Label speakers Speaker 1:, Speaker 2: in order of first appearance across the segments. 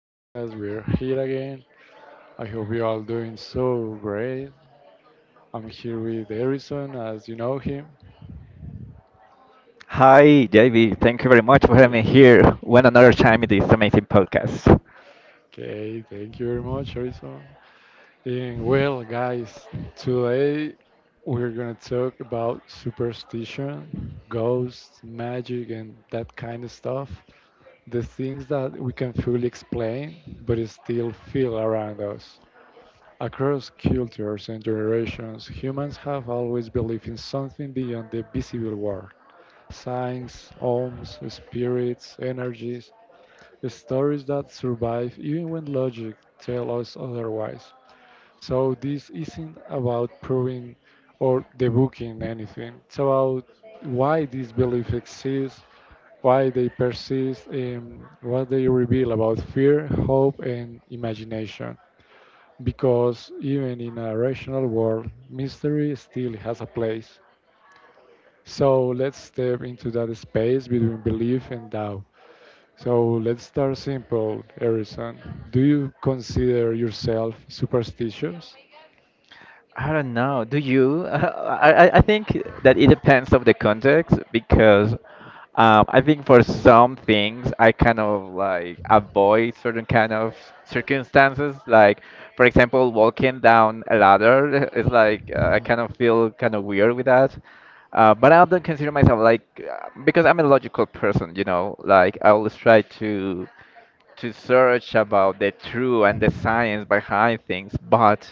Speaker 1: podcast. We're here again. I hope you're all doing so great. I'm here with Harrison, as you know him.
Speaker 2: Hi, JB. Thank you very much for having
Speaker 1: Okay,
Speaker 2: me here one another time in this amazing podcast.
Speaker 1: okay, thank you very much, Harrison. And well, guys, today we're gonna talk about superstition, ghosts, magic, and that kind of stuff. The things that we can fully explain, but still feel around us. Across cultures and generations, humans have always believed in something beyond the visible world, signs, omens, spirits, energies, stories that survive even when logic tells us otherwise. So, this isn't about proving or debunking anything, it's about why these beliefs exist, why they persist, and what they reveal about fear, hope, and imagination, because even in a rational world, mystery still has a place. So let's step into that space between belief and doubt. So let's start simple, Harrison. Do you consider yourself superstitious?
Speaker 2: I don't know. Do you? I think that it depends of the context because I think for some things I kind of like avoid certain kind of circumstances. Like, for example, walking down a ladder is like I kind of feel kind of weird with that. But I don't consider myself like because I'm a logical person, you know. Like I always try to search about the truth and the science behind things, but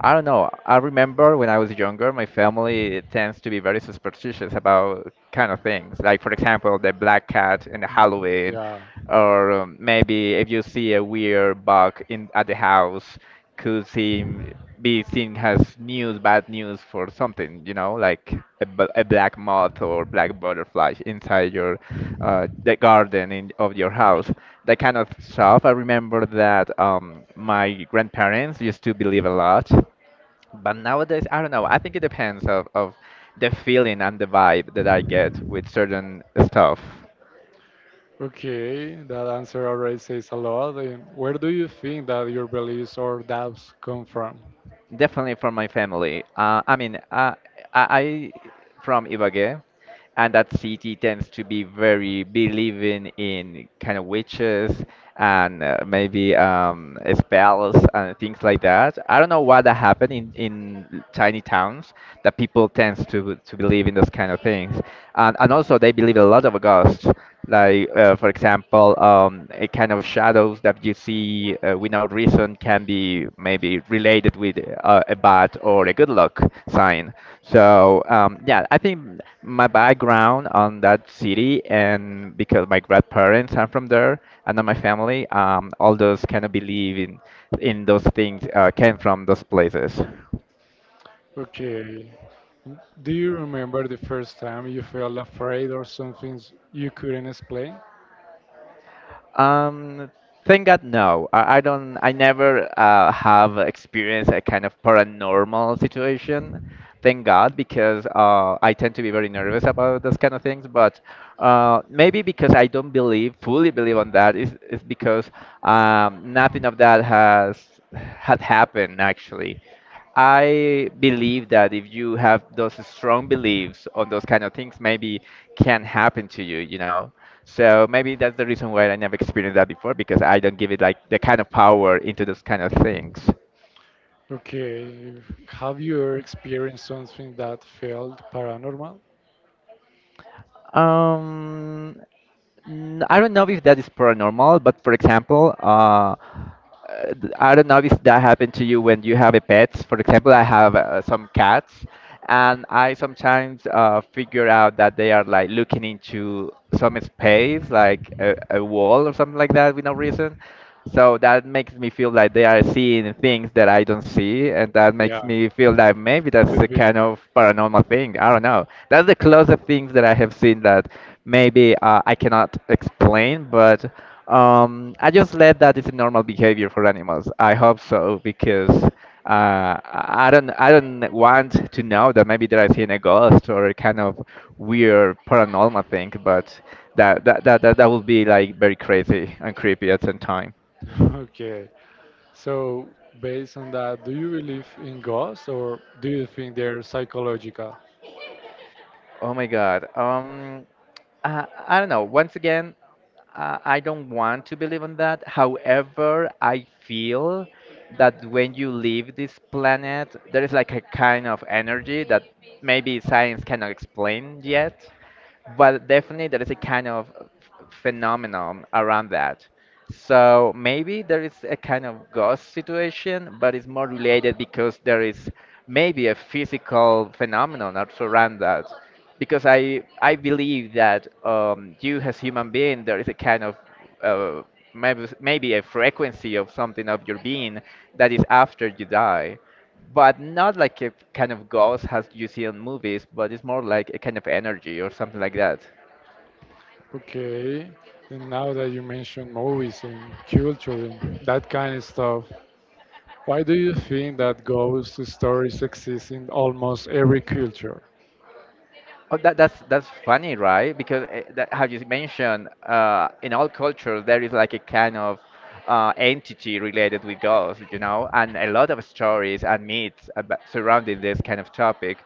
Speaker 2: I don't know. I remember when I was younger, my family tends to be very superstitious about kind of things. Like, for example, the black cat in Halloween,
Speaker 1: Yeah.
Speaker 2: or maybe if you see a weird bug in at the house, could seem be seen as news, bad news for something, you know, like a, a black moth or black butterfly inside your the garden in, of your house, that kind of stuff. I remember that my grandparents used to believe a lot, but nowadays I don't know. I think it depends of the feeling and the vibe that I get with certain stuff.
Speaker 1: Okay, that answer already says a lot. And where do you think that your beliefs or doubts come from?
Speaker 2: Definitely from my family. I mean, I from Ibagué, and that city tends to be very believing in kind of witches and maybe spells and things like that. I don't know why that happened in tiny towns that people tends to believe in those kind of things, and also they believe a lot of ghosts. Like, for example, a kind of shadows that you see without reason can be maybe related with a bad or a good luck sign. So, yeah, I think my background on that city and because my grandparents are from there and then my family, all those kind of believe in those things came from those places.
Speaker 1: Okay. Do you remember the first time you felt afraid or something you couldn't explain?
Speaker 2: Um, Thank God, no. I don't. I never have experienced a kind of paranormal situation. Thank God, because I tend to be very nervous about those kind of things. But maybe because I don't believe, fully believe on that, is because nothing of that has had happened actually. I believe that if you have those strong beliefs on those kind of things, maybe can happen to you, you know. So maybe that's the reason why I never experienced that before because I don't give it like the kind of power into those kind of things.
Speaker 1: Okay. Have you ever experienced something that felt paranormal?
Speaker 2: Um, I don't know if that is paranormal, but for example, I don't know if that happened to you when you have a pet. For example, I have some cats, and I sometimes figure out that they are like looking into some space, like a wall or something like that, with no reason. So that makes me feel like they are seeing things that I don't see, and that
Speaker 1: Yeah,
Speaker 2: makes me feel that maybe that's a
Speaker 1: could be.
Speaker 2: kind of paranormal thing. I don't know. That's the closest things that I have seen that maybe I cannot explain, but. I just let that is a normal behavior for animals. I hope so because I don't want to know that maybe that I seen a ghost or a kind of weird paranormal thing, but that would be like very crazy and creepy at the same time.
Speaker 1: Okay. So, based on that, do you believe in ghosts or do you think they're psychological?
Speaker 2: Oh my God. I don't know. Once again, I don't want to believe in that. However, I feel that when you leave this planet, there is like a kind of energy that maybe science cannot explain yet, but definitely there is a kind of phenomenon around that. So maybe there is a kind of ghost situation, but it's more related because there is maybe a physical phenomenon that surround that. Because I believe that you as human being there is a kind of uh, maybe a frequency of something of your being that is after you die but not like a kind of ghost as you see in movies, but it's more like a kind of energy or something like that.
Speaker 1: Okay. And now that you mentioned movies and culture and that kind of stuff, why do you think that ghost stories exist in almost every culture?
Speaker 2: Oh, that's funny, right? Because that, how you mentioned, in all cultures there is like a kind of entity related with ghosts, you know, and a lot of stories and myths about, surrounding this kind of topic.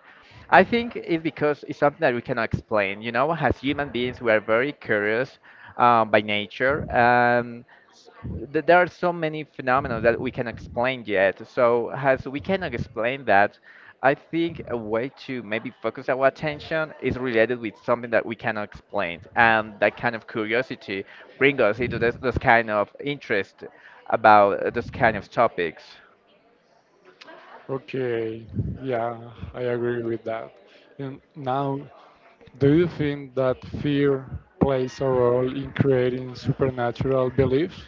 Speaker 2: I think it's because it's something that we cannot explain. You know, as human beings, we are very curious by nature. There are so many phenomena that we can explain yet. So as we cannot explain that, I think a way to maybe focus our attention is related with something that we cannot explain, and that kind of curiosity bring us into this kind of interest about this kind of topics.
Speaker 1: Okay, yeah, I agree with that. And now, do you think that fear plays a role in creating supernatural beliefs?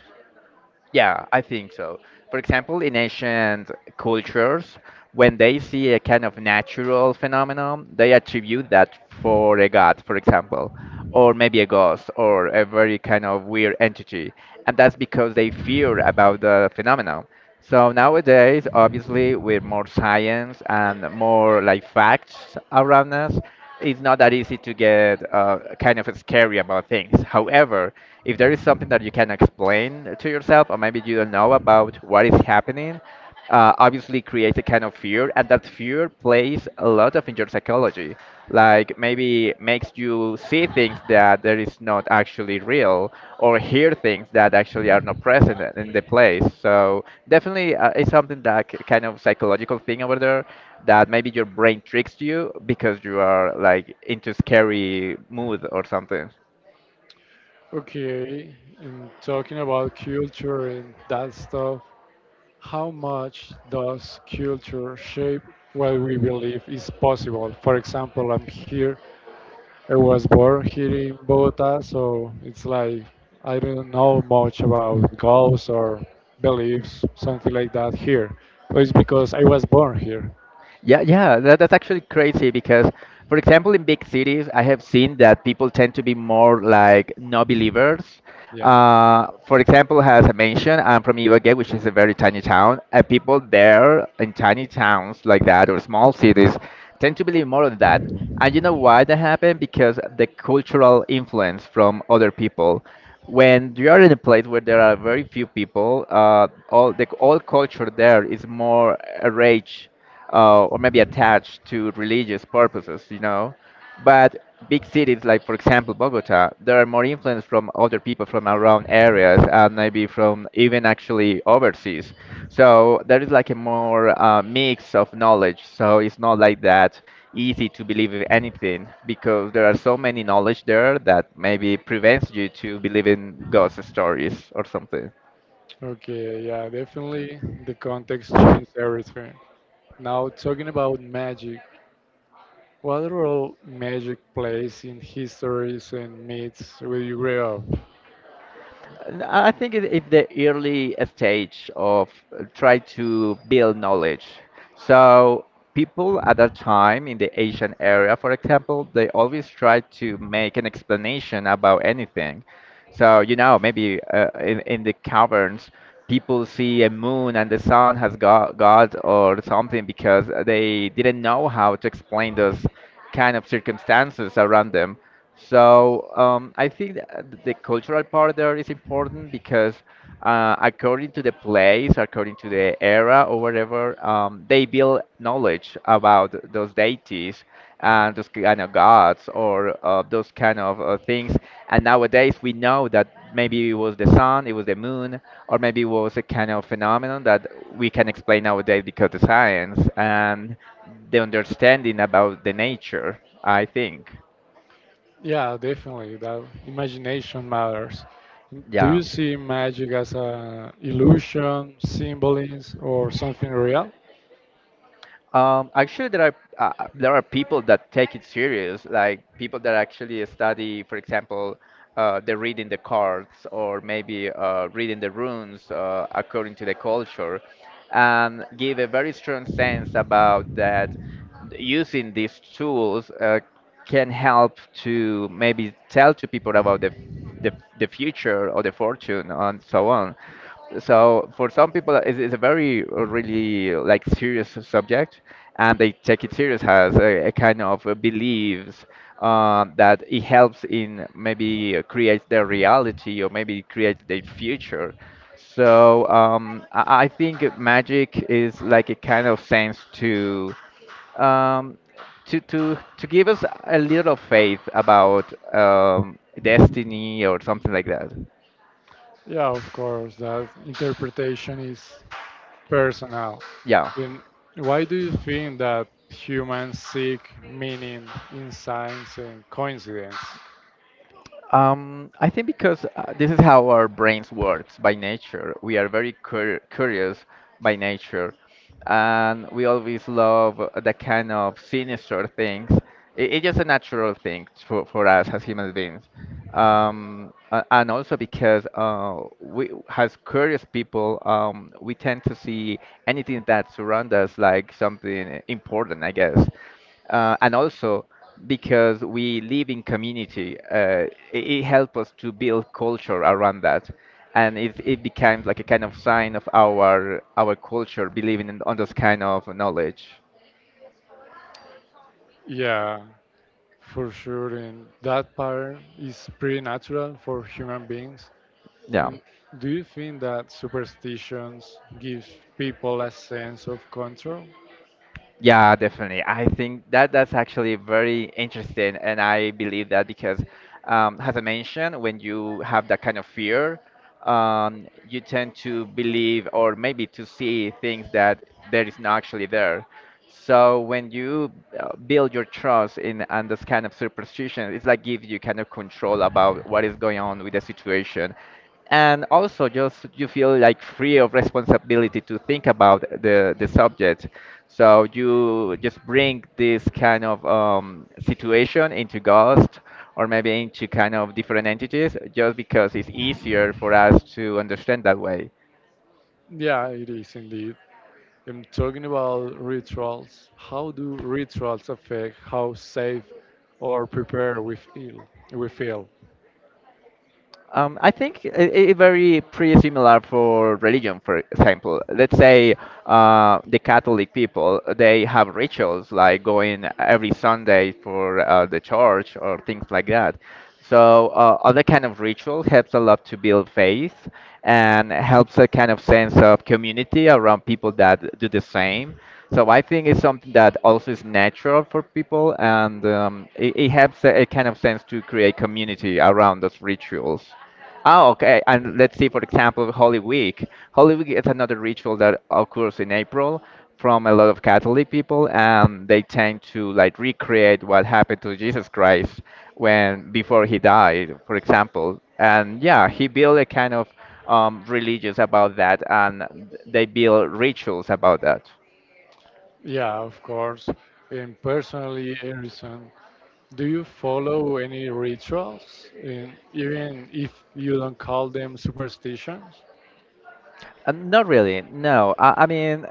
Speaker 2: Yeah, I think so. For example, in ancient cultures, when they see a kind of natural phenomenon, they attribute that for a god, for example, or maybe a ghost or a very kind of weird entity. And that's because they fear about the phenomenon. So nowadays, obviously, with more science and more like facts around us, it's not that easy to get kind of scary about things. However, if there is something that you can explain to yourself, or maybe you don't know about what is happening, obviously creates a kind of fear, and that fear plays a lot of in your psychology. Like maybe makes you see things that there is not actually real or hear things that actually are not present in the place. So definitely it's something that kind of psychological thing over there that maybe your brain tricks you because you are like into scary mood or something.
Speaker 1: Okay, in talking about culture and that stuff, how much does culture shape what we believe is possible? For example, I'm here, I was born here in Bogota, so it's like, I don't know much about goals or beliefs, something like that here. But it's because I was born here.
Speaker 2: Yeah, yeah, that's actually crazy because, for example, in big cities, I have seen that people tend to be more like no believers.
Speaker 1: Yeah.
Speaker 2: For example, as I mentioned, I'm from Ibagué, which is a very tiny town, and people there in tiny towns like that or small cities tend to believe more on that. And you know why that happened? Because the cultural influence from other people. When you are in a place where there are very few people, all culture there is more a rage or maybe attached to religious purposes, you know. But big cities, like for example Bogota, there are more influence from other people from around areas and maybe from even actually overseas. So there is like a more mix of knowledge. So it's not like that easy to believe in anything because there are so many knowledge there that maybe prevents you to believe in ghost stories or something.
Speaker 1: Okay, yeah, definitely the context changed everything. Now, talking about magic, what role magic plays in histories and myths where you grew up?
Speaker 2: I think it's the early stage of try to build knowledge. So people at that time in the Asian area, for example, they always try to make an explanation about anything. So, you know, maybe in the caverns, people see a moon and the sun has got God or something because they didn't know how to explain those kind of circumstances around them. So, I think that the cultural part there is important because according to the place, according to the era or whatever, they build knowledge about those deities and those kind of gods or those kind of things. And nowadays we know that maybe it was the sun, it was the moon, or maybe it was a kind of phenomenon that we can explain nowadays because of science and the understanding about the nature, I think.
Speaker 1: Yeah, definitely. That imagination matters. Do you
Speaker 2: Yeah.
Speaker 1: see magic as a illusion, symbolism, or something real?
Speaker 2: Actually, there are people that take it serious, like people that actually study, for example, the reading the cards or maybe reading the runes according to the culture, and give a very strong sense about that using these tools. Can help to maybe tell to people about the, the future or the fortune and so on. So for some people, it's a very really like serious subject, and they take it serious as a kind of beliefs that it helps in maybe create their reality or maybe create their future. So I think magic is like a kind of sense to um, to give us a little faith about destiny or something like that.
Speaker 1: Yeah, of course. That interpretation is personal.
Speaker 2: Yeah.
Speaker 1: Then why do you think that humans seek meaning in science and coincidence?
Speaker 2: I think because this is how our brains works by nature. We are very curious by nature, and we always love the kind of sinister things. It's just a natural thing for us as human beings. And also because we, as curious people, we tend to see anything that surrounds us like something important, I guess. And also because we live in community. It helps us to build culture around that, and it becomes like a kind of sign of our culture, believing in on this kind of knowledge.
Speaker 1: Yeah, for sure. And that part, is pretty natural for human beings.
Speaker 2: Yeah.
Speaker 1: And do you think that superstitions give people a sense of control?
Speaker 2: Yeah, definitely. I think that's actually very interesting, and I believe that because, as I mentioned, when you have that kind of fear, you tend to believe or maybe to see things that there is not actually there. So when you build your trust in and this kind of superstition, it's like gives you kind of control about what is going on with the situation, and also just you feel like free of responsibility to think about the subject, so you just bring this kind of situation into ghost or maybe into kind of different entities just because it's easier for us to understand that way.
Speaker 1: Yeah, it is indeed. I'm talking about rituals. How do rituals affect how safe or prepared we feel? We feel.
Speaker 2: I think it's very pretty similar for religion, for example. Let's say the Catholic people, they have rituals like going every Sunday for the church or things like that. So other kind of ritual helps a lot to build faith and helps a kind of sense of community around people that do the same. So I think it's something that also is natural for people and it helps a kind of sense to create community around those rituals. Oh, okay. And let's see, for example, Holy Week. Holy Week is another ritual that occurs in April from a lot of Catholic people, and they tend to like recreate what happened to Jesus Christ when before he died, for example. And yeah, he built a kind of religious about that, and they build rituals about that.
Speaker 1: Yeah, of course. And personally, Harrison, do you follow any rituals, and even if you don't call them superstitions?
Speaker 2: Not really. No, I mean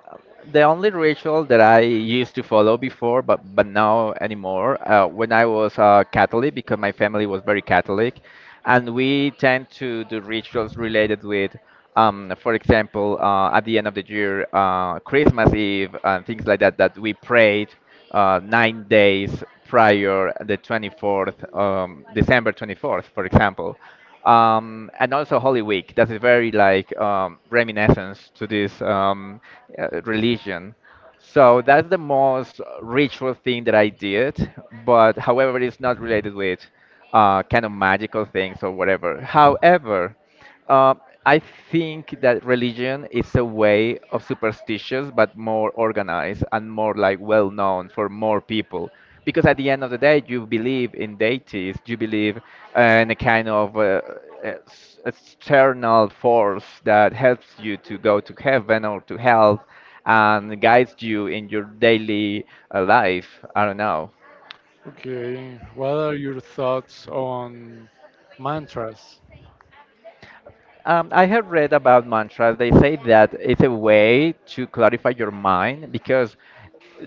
Speaker 2: the only ritual that I used to follow before, but now anymore. When I was Catholic, because my family was very Catholic, and we tend to do rituals related with, for example, at the end of the year, Christmas Eve and things like that, that we prayed 9 days prior the 24th, December 24th, for example. And also Holy Week, that is very like reminiscence to this religion. So that's the most ritual thing that I did, but however, it's not related with kind of magical things or whatever. However, uh, I think that religion is a way of superstitious, but more organized and more like well known for more people. Because at the end of the day, you believe in deities, you believe in a kind of ex- external force that helps you to go to heaven or to hell and guides you in your daily life. I don't know.
Speaker 1: Okay, what are your thoughts on mantras?
Speaker 2: I have read about mantras. They say that it's a way to clarify your mind because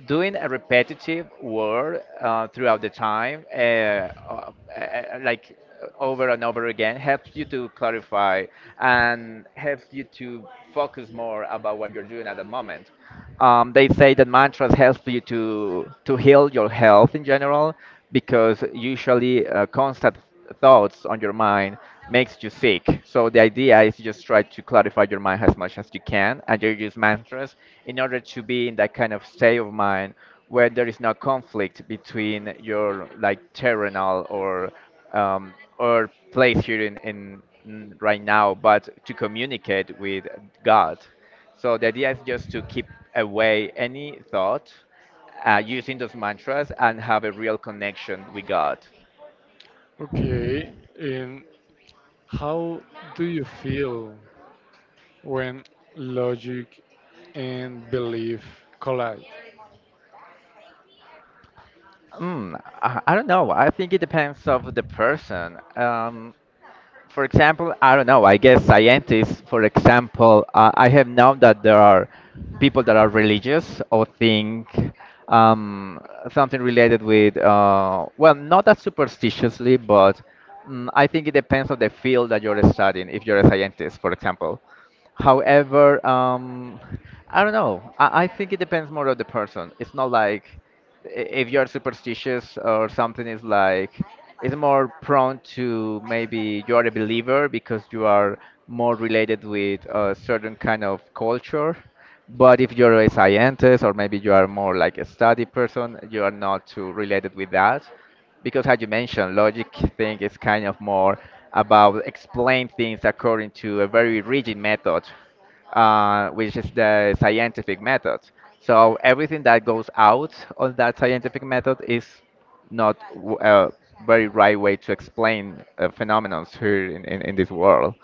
Speaker 2: doing a repetitive word throughout the time, like over and over again, helps you to clarify and helps you to focus more about what you're doing at the moment. They say that mantras help you to heal your health in general because usually constant thoughts on your mind makes you sick. So the idea is just try to clarify your mind as much as you can, and you use mantras in order to be in that kind of state of mind where there is no conflict between your like terrenal um, or place here in, in right now, but to communicate with God. So the idea is just to keep away any thought using those mantras and have a real connection with God.
Speaker 1: Okay, and how do you feel when logic and belief collide?
Speaker 2: I don't know. I think it depends of the person. For example, I don't know. I guess scientists, for example, I have known that there are people that are religious or think um, something related with, well, not that superstitiously, but I think it depends on the field that you're studying. If you're a scientist, for example, however, I don't know. I think it depends more on the person. It's not like if you're superstitious or something is like it's more prone to maybe you are a believer because you are more related with a certain kind of culture, but if you're a scientist or maybe you are more like a study person, you are not too related with that because as you mentioned, logic thing is kind of more about explain things according to a very rigid method, which is the scientific method. So everything that goes out of that scientific method is not a very right way to explain phenomena here in, in this world.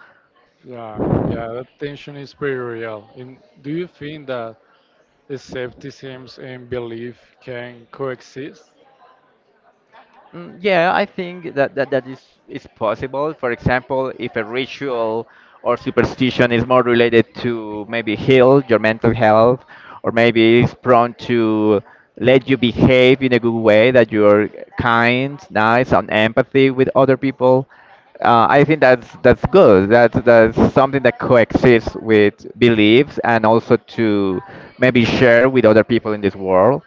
Speaker 1: Yeah, yeah, that tension is pretty real. And do you think that skepticism and belief can coexist?
Speaker 2: Yeah I think that, that is possible. For example, if a ritual or superstition is more related to maybe heal your mental health, or maybe is prone to let you behave in a good way, that you're kind, nice, and empathy with other people. I think that's good. That's something that coexists with beliefs and also to maybe share with other people in this world.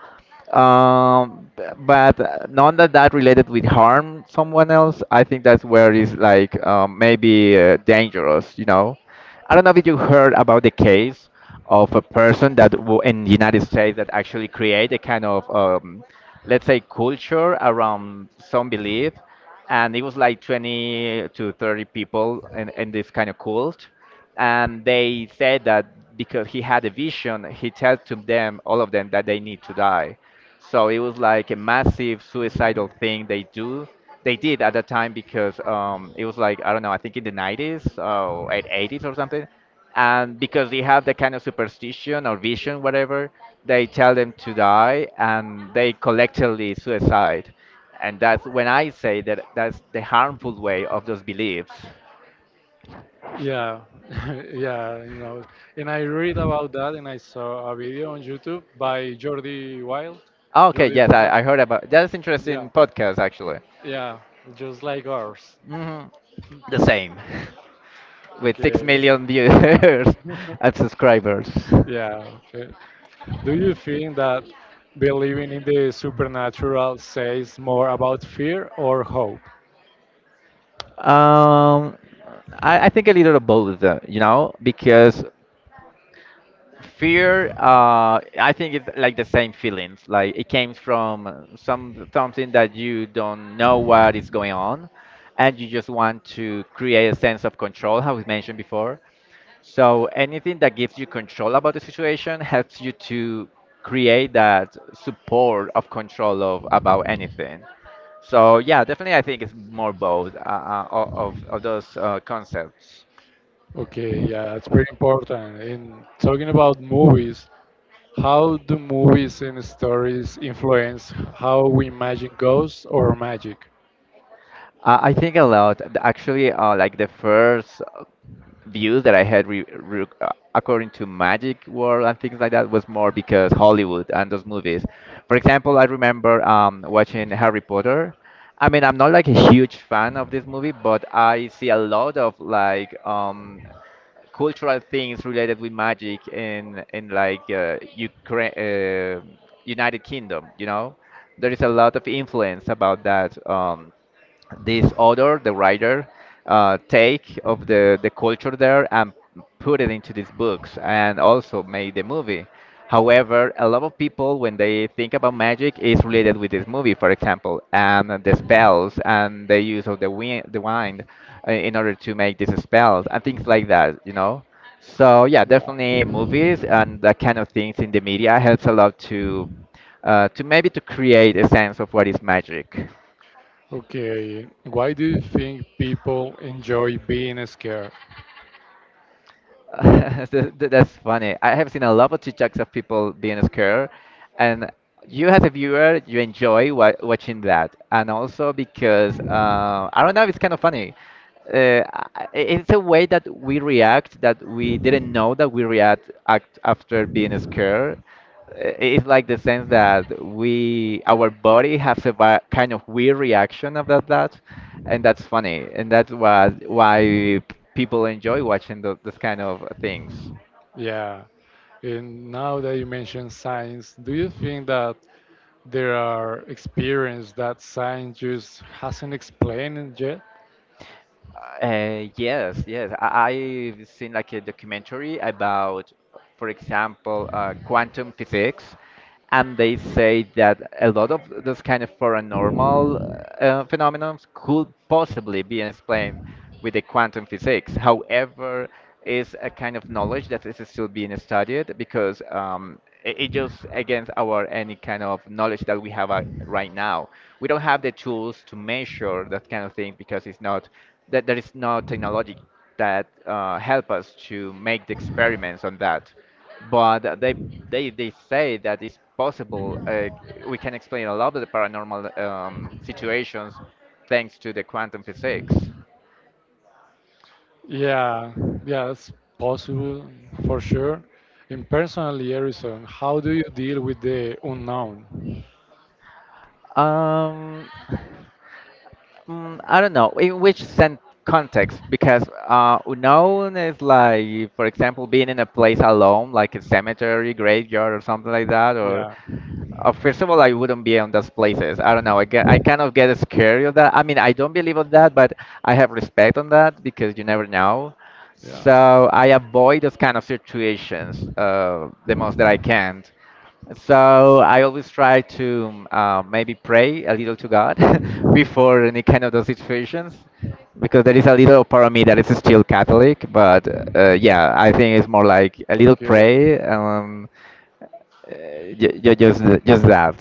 Speaker 2: But none that related with harm someone else. I think that's where it's like maybe dangerous. You know, I don't know if you heard about the case of a person that in the United States that actually create a kind of let's say culture around some belief, and it was like 20 to 30 people in, this kind of cult, and they said that because he had a vision, he tells to them, all of them, that they need to die. So it was like a massive suicidal thing they do. They did at that time because it was like I don't know, I think in the 90s or at 80s or something, and because they have that kind of superstition or vision, whatever, they tell them to die and they collectively suicide, and that's when I say that that's the harmful way of those beliefs.
Speaker 1: Yeah, yeah, you know, and I read about that, and I saw a video on YouTube by Jordi Wild,
Speaker 2: Oh, okay.
Speaker 1: Jordi
Speaker 2: Yes, I,
Speaker 1: Podcast.
Speaker 2: I heard about that's
Speaker 1: Yeah,
Speaker 2: interesting podcast actually.
Speaker 1: yeah, just like ours.
Speaker 2: Hmm. The same, with six
Speaker 1: Okay,
Speaker 2: million viewers and subscribers.
Speaker 1: yeah. Okay. Do you think that believing in the supernatural says more about fear or hope?
Speaker 2: Um, I think a little of both, you know, because fear, I think it's like the same feelings. Like it came from something that you don't know what is going on, and you just want to create a sense of control, how we mentioned before. So anything that gives you control about the situation helps you to create that support of control of about anything. So yeah, definitely, I think it's more both of those concepts.
Speaker 1: Okay, yeah, that's pretty important. In talking about movies, how do movies and stories influence how we imagine ghosts or magic?
Speaker 2: I think a lot. Actually, like the first views that I had re re according to Magic World and things like that was more because Hollywood and those movies. For example, I remember watching Harry Potter. I mean, I'm not like a huge fan of this movie, but I see a lot of like cultural things related with magic in like Ukraine, United Kingdom. You know, there is a lot of influence about that. This author, the writer take of the culture there and put it into these books and also made the movie. However, a lot of people when they think about magic is related with this movie, for example, and the
Speaker 1: Yeah.
Speaker 2: spells and the use of the wind, the wind in order to make these spells and things like that, you know. So yeah, definitely movies and that kind of things in the media helps a lot to maybe to create a sense of what is magic.
Speaker 1: Okay. Why do you think people enjoy being scared?
Speaker 2: That's funny. I have seen a lot of TikToks of people being scared, and you as a viewer, you enjoy wa watching that, and also because I don't know, it's kind of funny. It's a way that we react that we didn't know that we react act after being scared. It's like the sense that we our body has a kind of weird reaction about that, and that's funny, and that's what why people enjoy watching those kind of things.
Speaker 1: Yeah. And now that you mentioned science, do you think that there are experiences that science just hasn't explained yet?
Speaker 2: Yes, I, I've seen like a documentary about, for example, quantum physics, and they say that a lot of those kind of paranormal phenomena could possibly be explained with the quantum physics. However, is a kind of knowledge that is still being studied because it just against our any kind of knowledge that we have right now. We don't have the tools to measure that kind of thing because it's not that there is no technology that help us to make the experiments on that. But they say that it's possible. We can explain a lot of the paranormal situations thanks to the quantum physics.
Speaker 1: Yeah, yeah, it's possible for sure. And personally, Harrison, how do you deal with the unknown?
Speaker 2: Um, I don't know in which sen context because unknown is like, for example, being in a place alone, like a cemetery, graveyard, or something like that, or
Speaker 1: Yeah,
Speaker 2: first of all, I wouldn't be on those places. I don't know. I kind of get scared of that. I mean, I don't believe on that, but I have respect on that because you never know.
Speaker 1: yeah.
Speaker 2: So I avoid those kind of situations the most that I can. So I always try to maybe pray a little to God
Speaker 1: Mm,
Speaker 2: before any kind of those situations, because there is a little part of me that is still Catholic. But yeah, I think it's more like a little
Speaker 1: Okay,
Speaker 2: pray. Just that.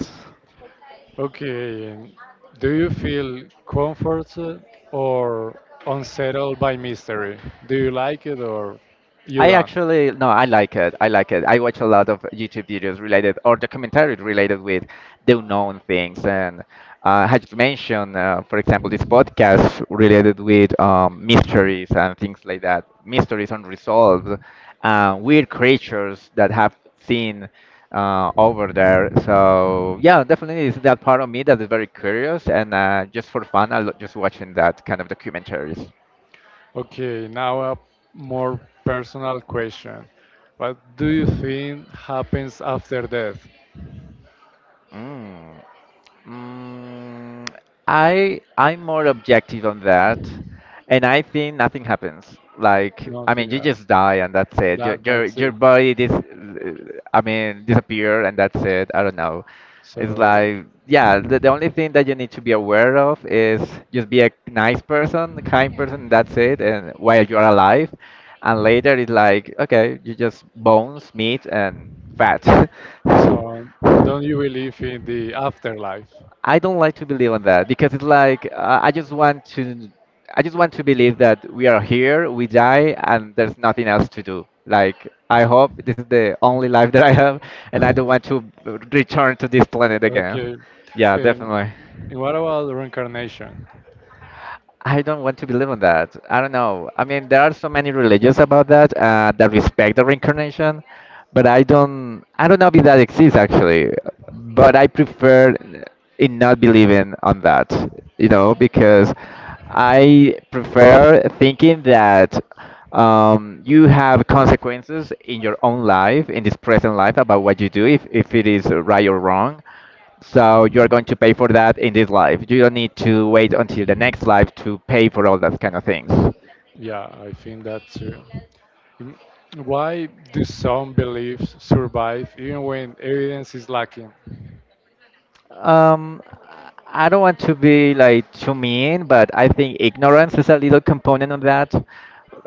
Speaker 1: okay. And do you feel comforted or unsettled by mystery? Do you like it or you
Speaker 2: I
Speaker 1: don't?
Speaker 2: actually no, I like it. I like it. I watch a lot of YouTube videos related or documentaries related with the unknown things, and had mentioned, for example, this podcast related with mysteries and things like that, mysteries unresolved, weird creatures that have seen over there. So yeah, definitely is that part of me that is very curious, and just for fun, just watching that kind of documentaries.
Speaker 1: Okay, now a more personal question. What do you think happens after death?
Speaker 2: Mm, mm, I'm more objective on that, and I think nothing happens. Like I mean,
Speaker 1: Nothing.
Speaker 2: you
Speaker 1: Yeah.
Speaker 2: just die and that's it. Your
Speaker 1: That
Speaker 2: your
Speaker 1: that's
Speaker 2: your
Speaker 1: it.
Speaker 2: body dis I mean, disappear and that's it. I don't know.
Speaker 1: So
Speaker 2: It's like yeah, the only thing that you need to be aware of is just be a nice person, a kind person. That's it. And while you're alive, and later it's like okay, you just bones, meat, and fat.
Speaker 1: so don't you believe in the afterlife?
Speaker 2: I don't like to believe on that because it's like I just want to believe that we are here, we die, and there's nothing else to do. Like I hope this is the only life that I have, and I don't want to return to this planet again.
Speaker 1: Okay.
Speaker 2: Yeah,
Speaker 1: And,
Speaker 2: definitely.
Speaker 1: and what about reincarnation?
Speaker 2: I don't want to believe on that. I don't know. I mean, there are so many religions about that that respect the reincarnation, but I don't. I don't know if that exists actually. But I prefer in not believing on that. You know, because I prefer thinking that you have consequences in your own life, in this present life, about what you do, if it is right or wrong. So you're going to pay for that in this life. You don't need to wait until the next life to pay for all those kind of things.
Speaker 1: Yeah, I think that too. Mm, Why do some beliefs survive even when evidence is lacking?
Speaker 2: Um, I don't want to be like too mean, but I think ignorance is a little component of that.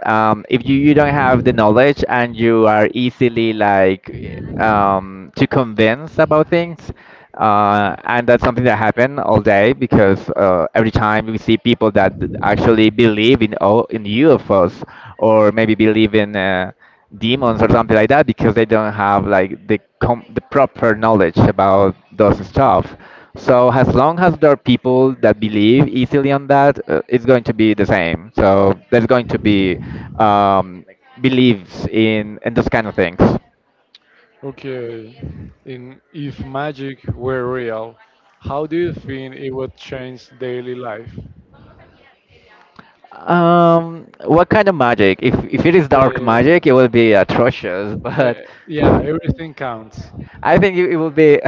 Speaker 2: If you don't have the knowledge and you are easily like to convince about things, and that's something that happen all day because every time we see people that actually believe in UFOs or maybe believe in demons or something like that because they don't have like the proper knowledge about those stuff. So as long as there are people that believe easily on that, it's going to be the same. So there's going to be um, beliefs in those kind of things.
Speaker 1: Okay. And if magic were real, how do you think it would change daily life?
Speaker 2: What kind of magic? If it is dark
Speaker 1: Uh,
Speaker 2: magic, it will be atrocious.
Speaker 1: Uh,
Speaker 2: But
Speaker 1: yeah, everything counts.
Speaker 2: I think it will be.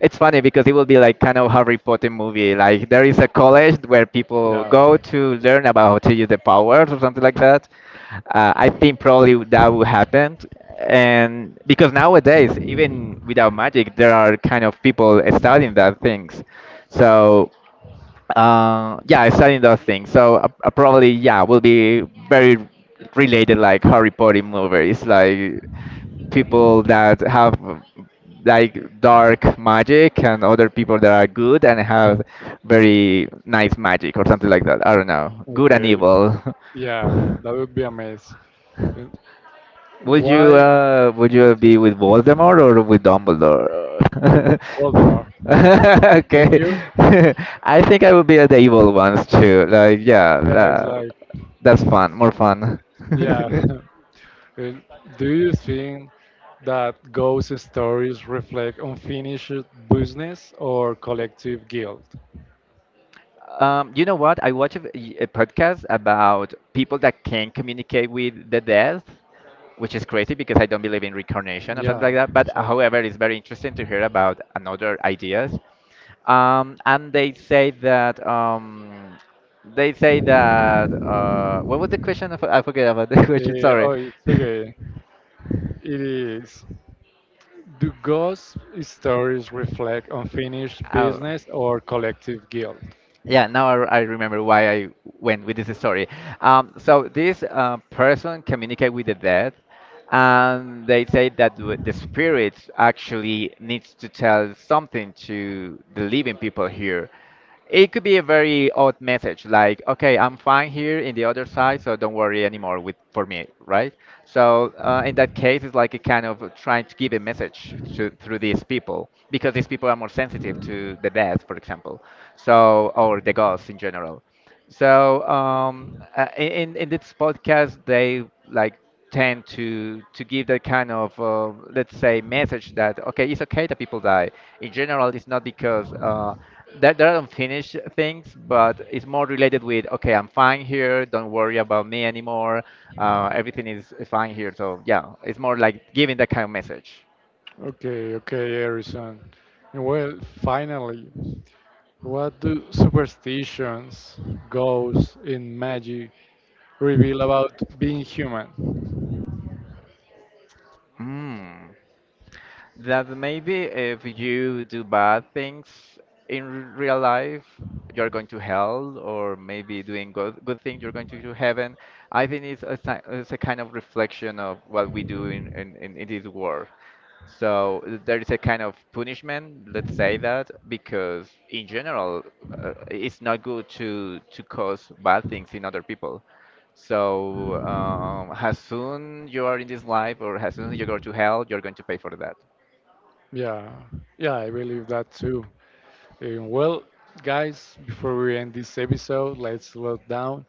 Speaker 2: It's funny because it will be like kind of Harry Potter movie. Like there is a college where people
Speaker 1: Yeah.
Speaker 2: go to learn about how to use the powers or something like that. I think probably that will happen, and because nowadays even without magic, there are kind of people studying that things. So yeah, studying those things. So probably yeah, will be very related like Harry Potter movies, like people that have like dark magic and other people that are good and have very nice magic or something like that. I don't know, good and
Speaker 1: Okay.
Speaker 2: evil.
Speaker 1: Yeah, that would be amazing. And why
Speaker 2: Would you
Speaker 1: to-
Speaker 2: be with Voldemort or with
Speaker 1: with
Speaker 2: Dumbledore?
Speaker 1: Voldemort? And
Speaker 2: Okay.
Speaker 1: you?
Speaker 2: I think I would be the evil ones too. Like yeah,
Speaker 1: Yeah, it's like
Speaker 2: that's fun, more fun.
Speaker 1: yeah. And do you think that ghost stories reflect unfinished business or collective guilt?
Speaker 2: You know what? I watch a podcast about people that can communicate with the death, which is crazy because I don't believe in reincarnation or something like
Speaker 1: Yeah,
Speaker 2: that. But
Speaker 1: exactly.
Speaker 2: however, it's very interesting to hear about another ideas. And they say that what was the question? I forget about the question.
Speaker 1: Eh,
Speaker 2: Sorry.
Speaker 1: oh, it's okay. It is. Do ghost stories reflect unfinished
Speaker 2: Oh.
Speaker 1: business or collective guilt?
Speaker 2: Yeah, now I remember why I went with this story. So this person communicate with the dead, and they say that the spirit actually needs to tell something to the living people here. It could be a very odd message, like, okay, I'm fine here in the other side, so don't worry anymore with for me, right? So in that case, it's like a kind of trying to give a message to through these people because these people are more sensitive to the death, for example, so or the ghosts in general. So in this podcast, they like tend to give that kind of let's say message that okay, it's okay that people die. In general, it's not because that there are unfinished things, but it's more related with okay, I'm fine here. Don't worry about me anymore. Everything is fine here. So yeah, it's more like giving that kind of message.
Speaker 1: Okay, okay, Harrison. Well, finally, what do superstitions, ghosts, and magic reveal about being human?
Speaker 2: Mm. That maybe if you do bad things in r- real life, you're going to hell, or maybe doing good things, you're going to heaven. I think it's it's a kind of reflection of what we do in this world. So there is a kind of punishment, let's say that, because in general, it's not good to cause bad things in other people. So as soon you are in this life, or as soon as you go to hell, you're going to pay for that.
Speaker 1: Yeah, yeah, I believe that too. And well, guys, before we end this episode, let's slow down.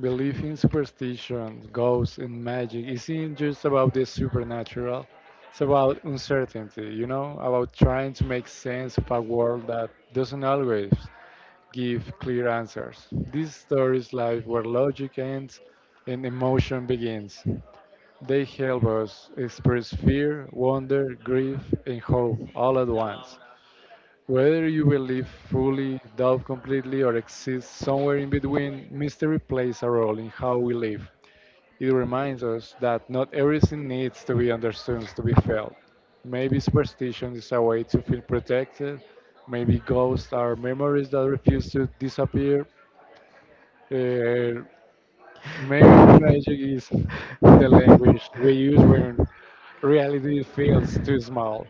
Speaker 1: Belief in superstition, ghosts, and magic isn't just about the supernatural. It's about uncertainty, you know, about trying to make sense of a world that doesn't always give clear answers. These stories live where logic ends and emotion begins. They help us express fear, wonder, grief, and hope all at once. Whether you will live fully, doubt completely, or exist somewhere in between, mystery plays a role in how we live. It reminds us that not everything needs to be understood to be felt. Maybe superstition is a way to feel protected, maybe ghosts are memories that refuse to disappear, uh, maybe magic is the language we use when reality feels too small.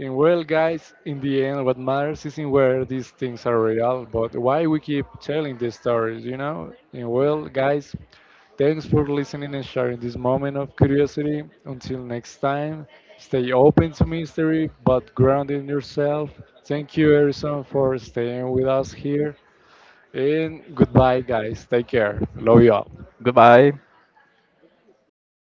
Speaker 1: And well, guys, in the end, what matters isn't where these things are real, but why we keep telling these stories, you know? And well, guys, thanks for listening and sharing this moment of curiosity. Until next time, stay open to mystery, but grounded in yourself. Thank you, Harrison, for staying with us here. And goodbye, guys. Take care. Love you all.
Speaker 2: Goodbye.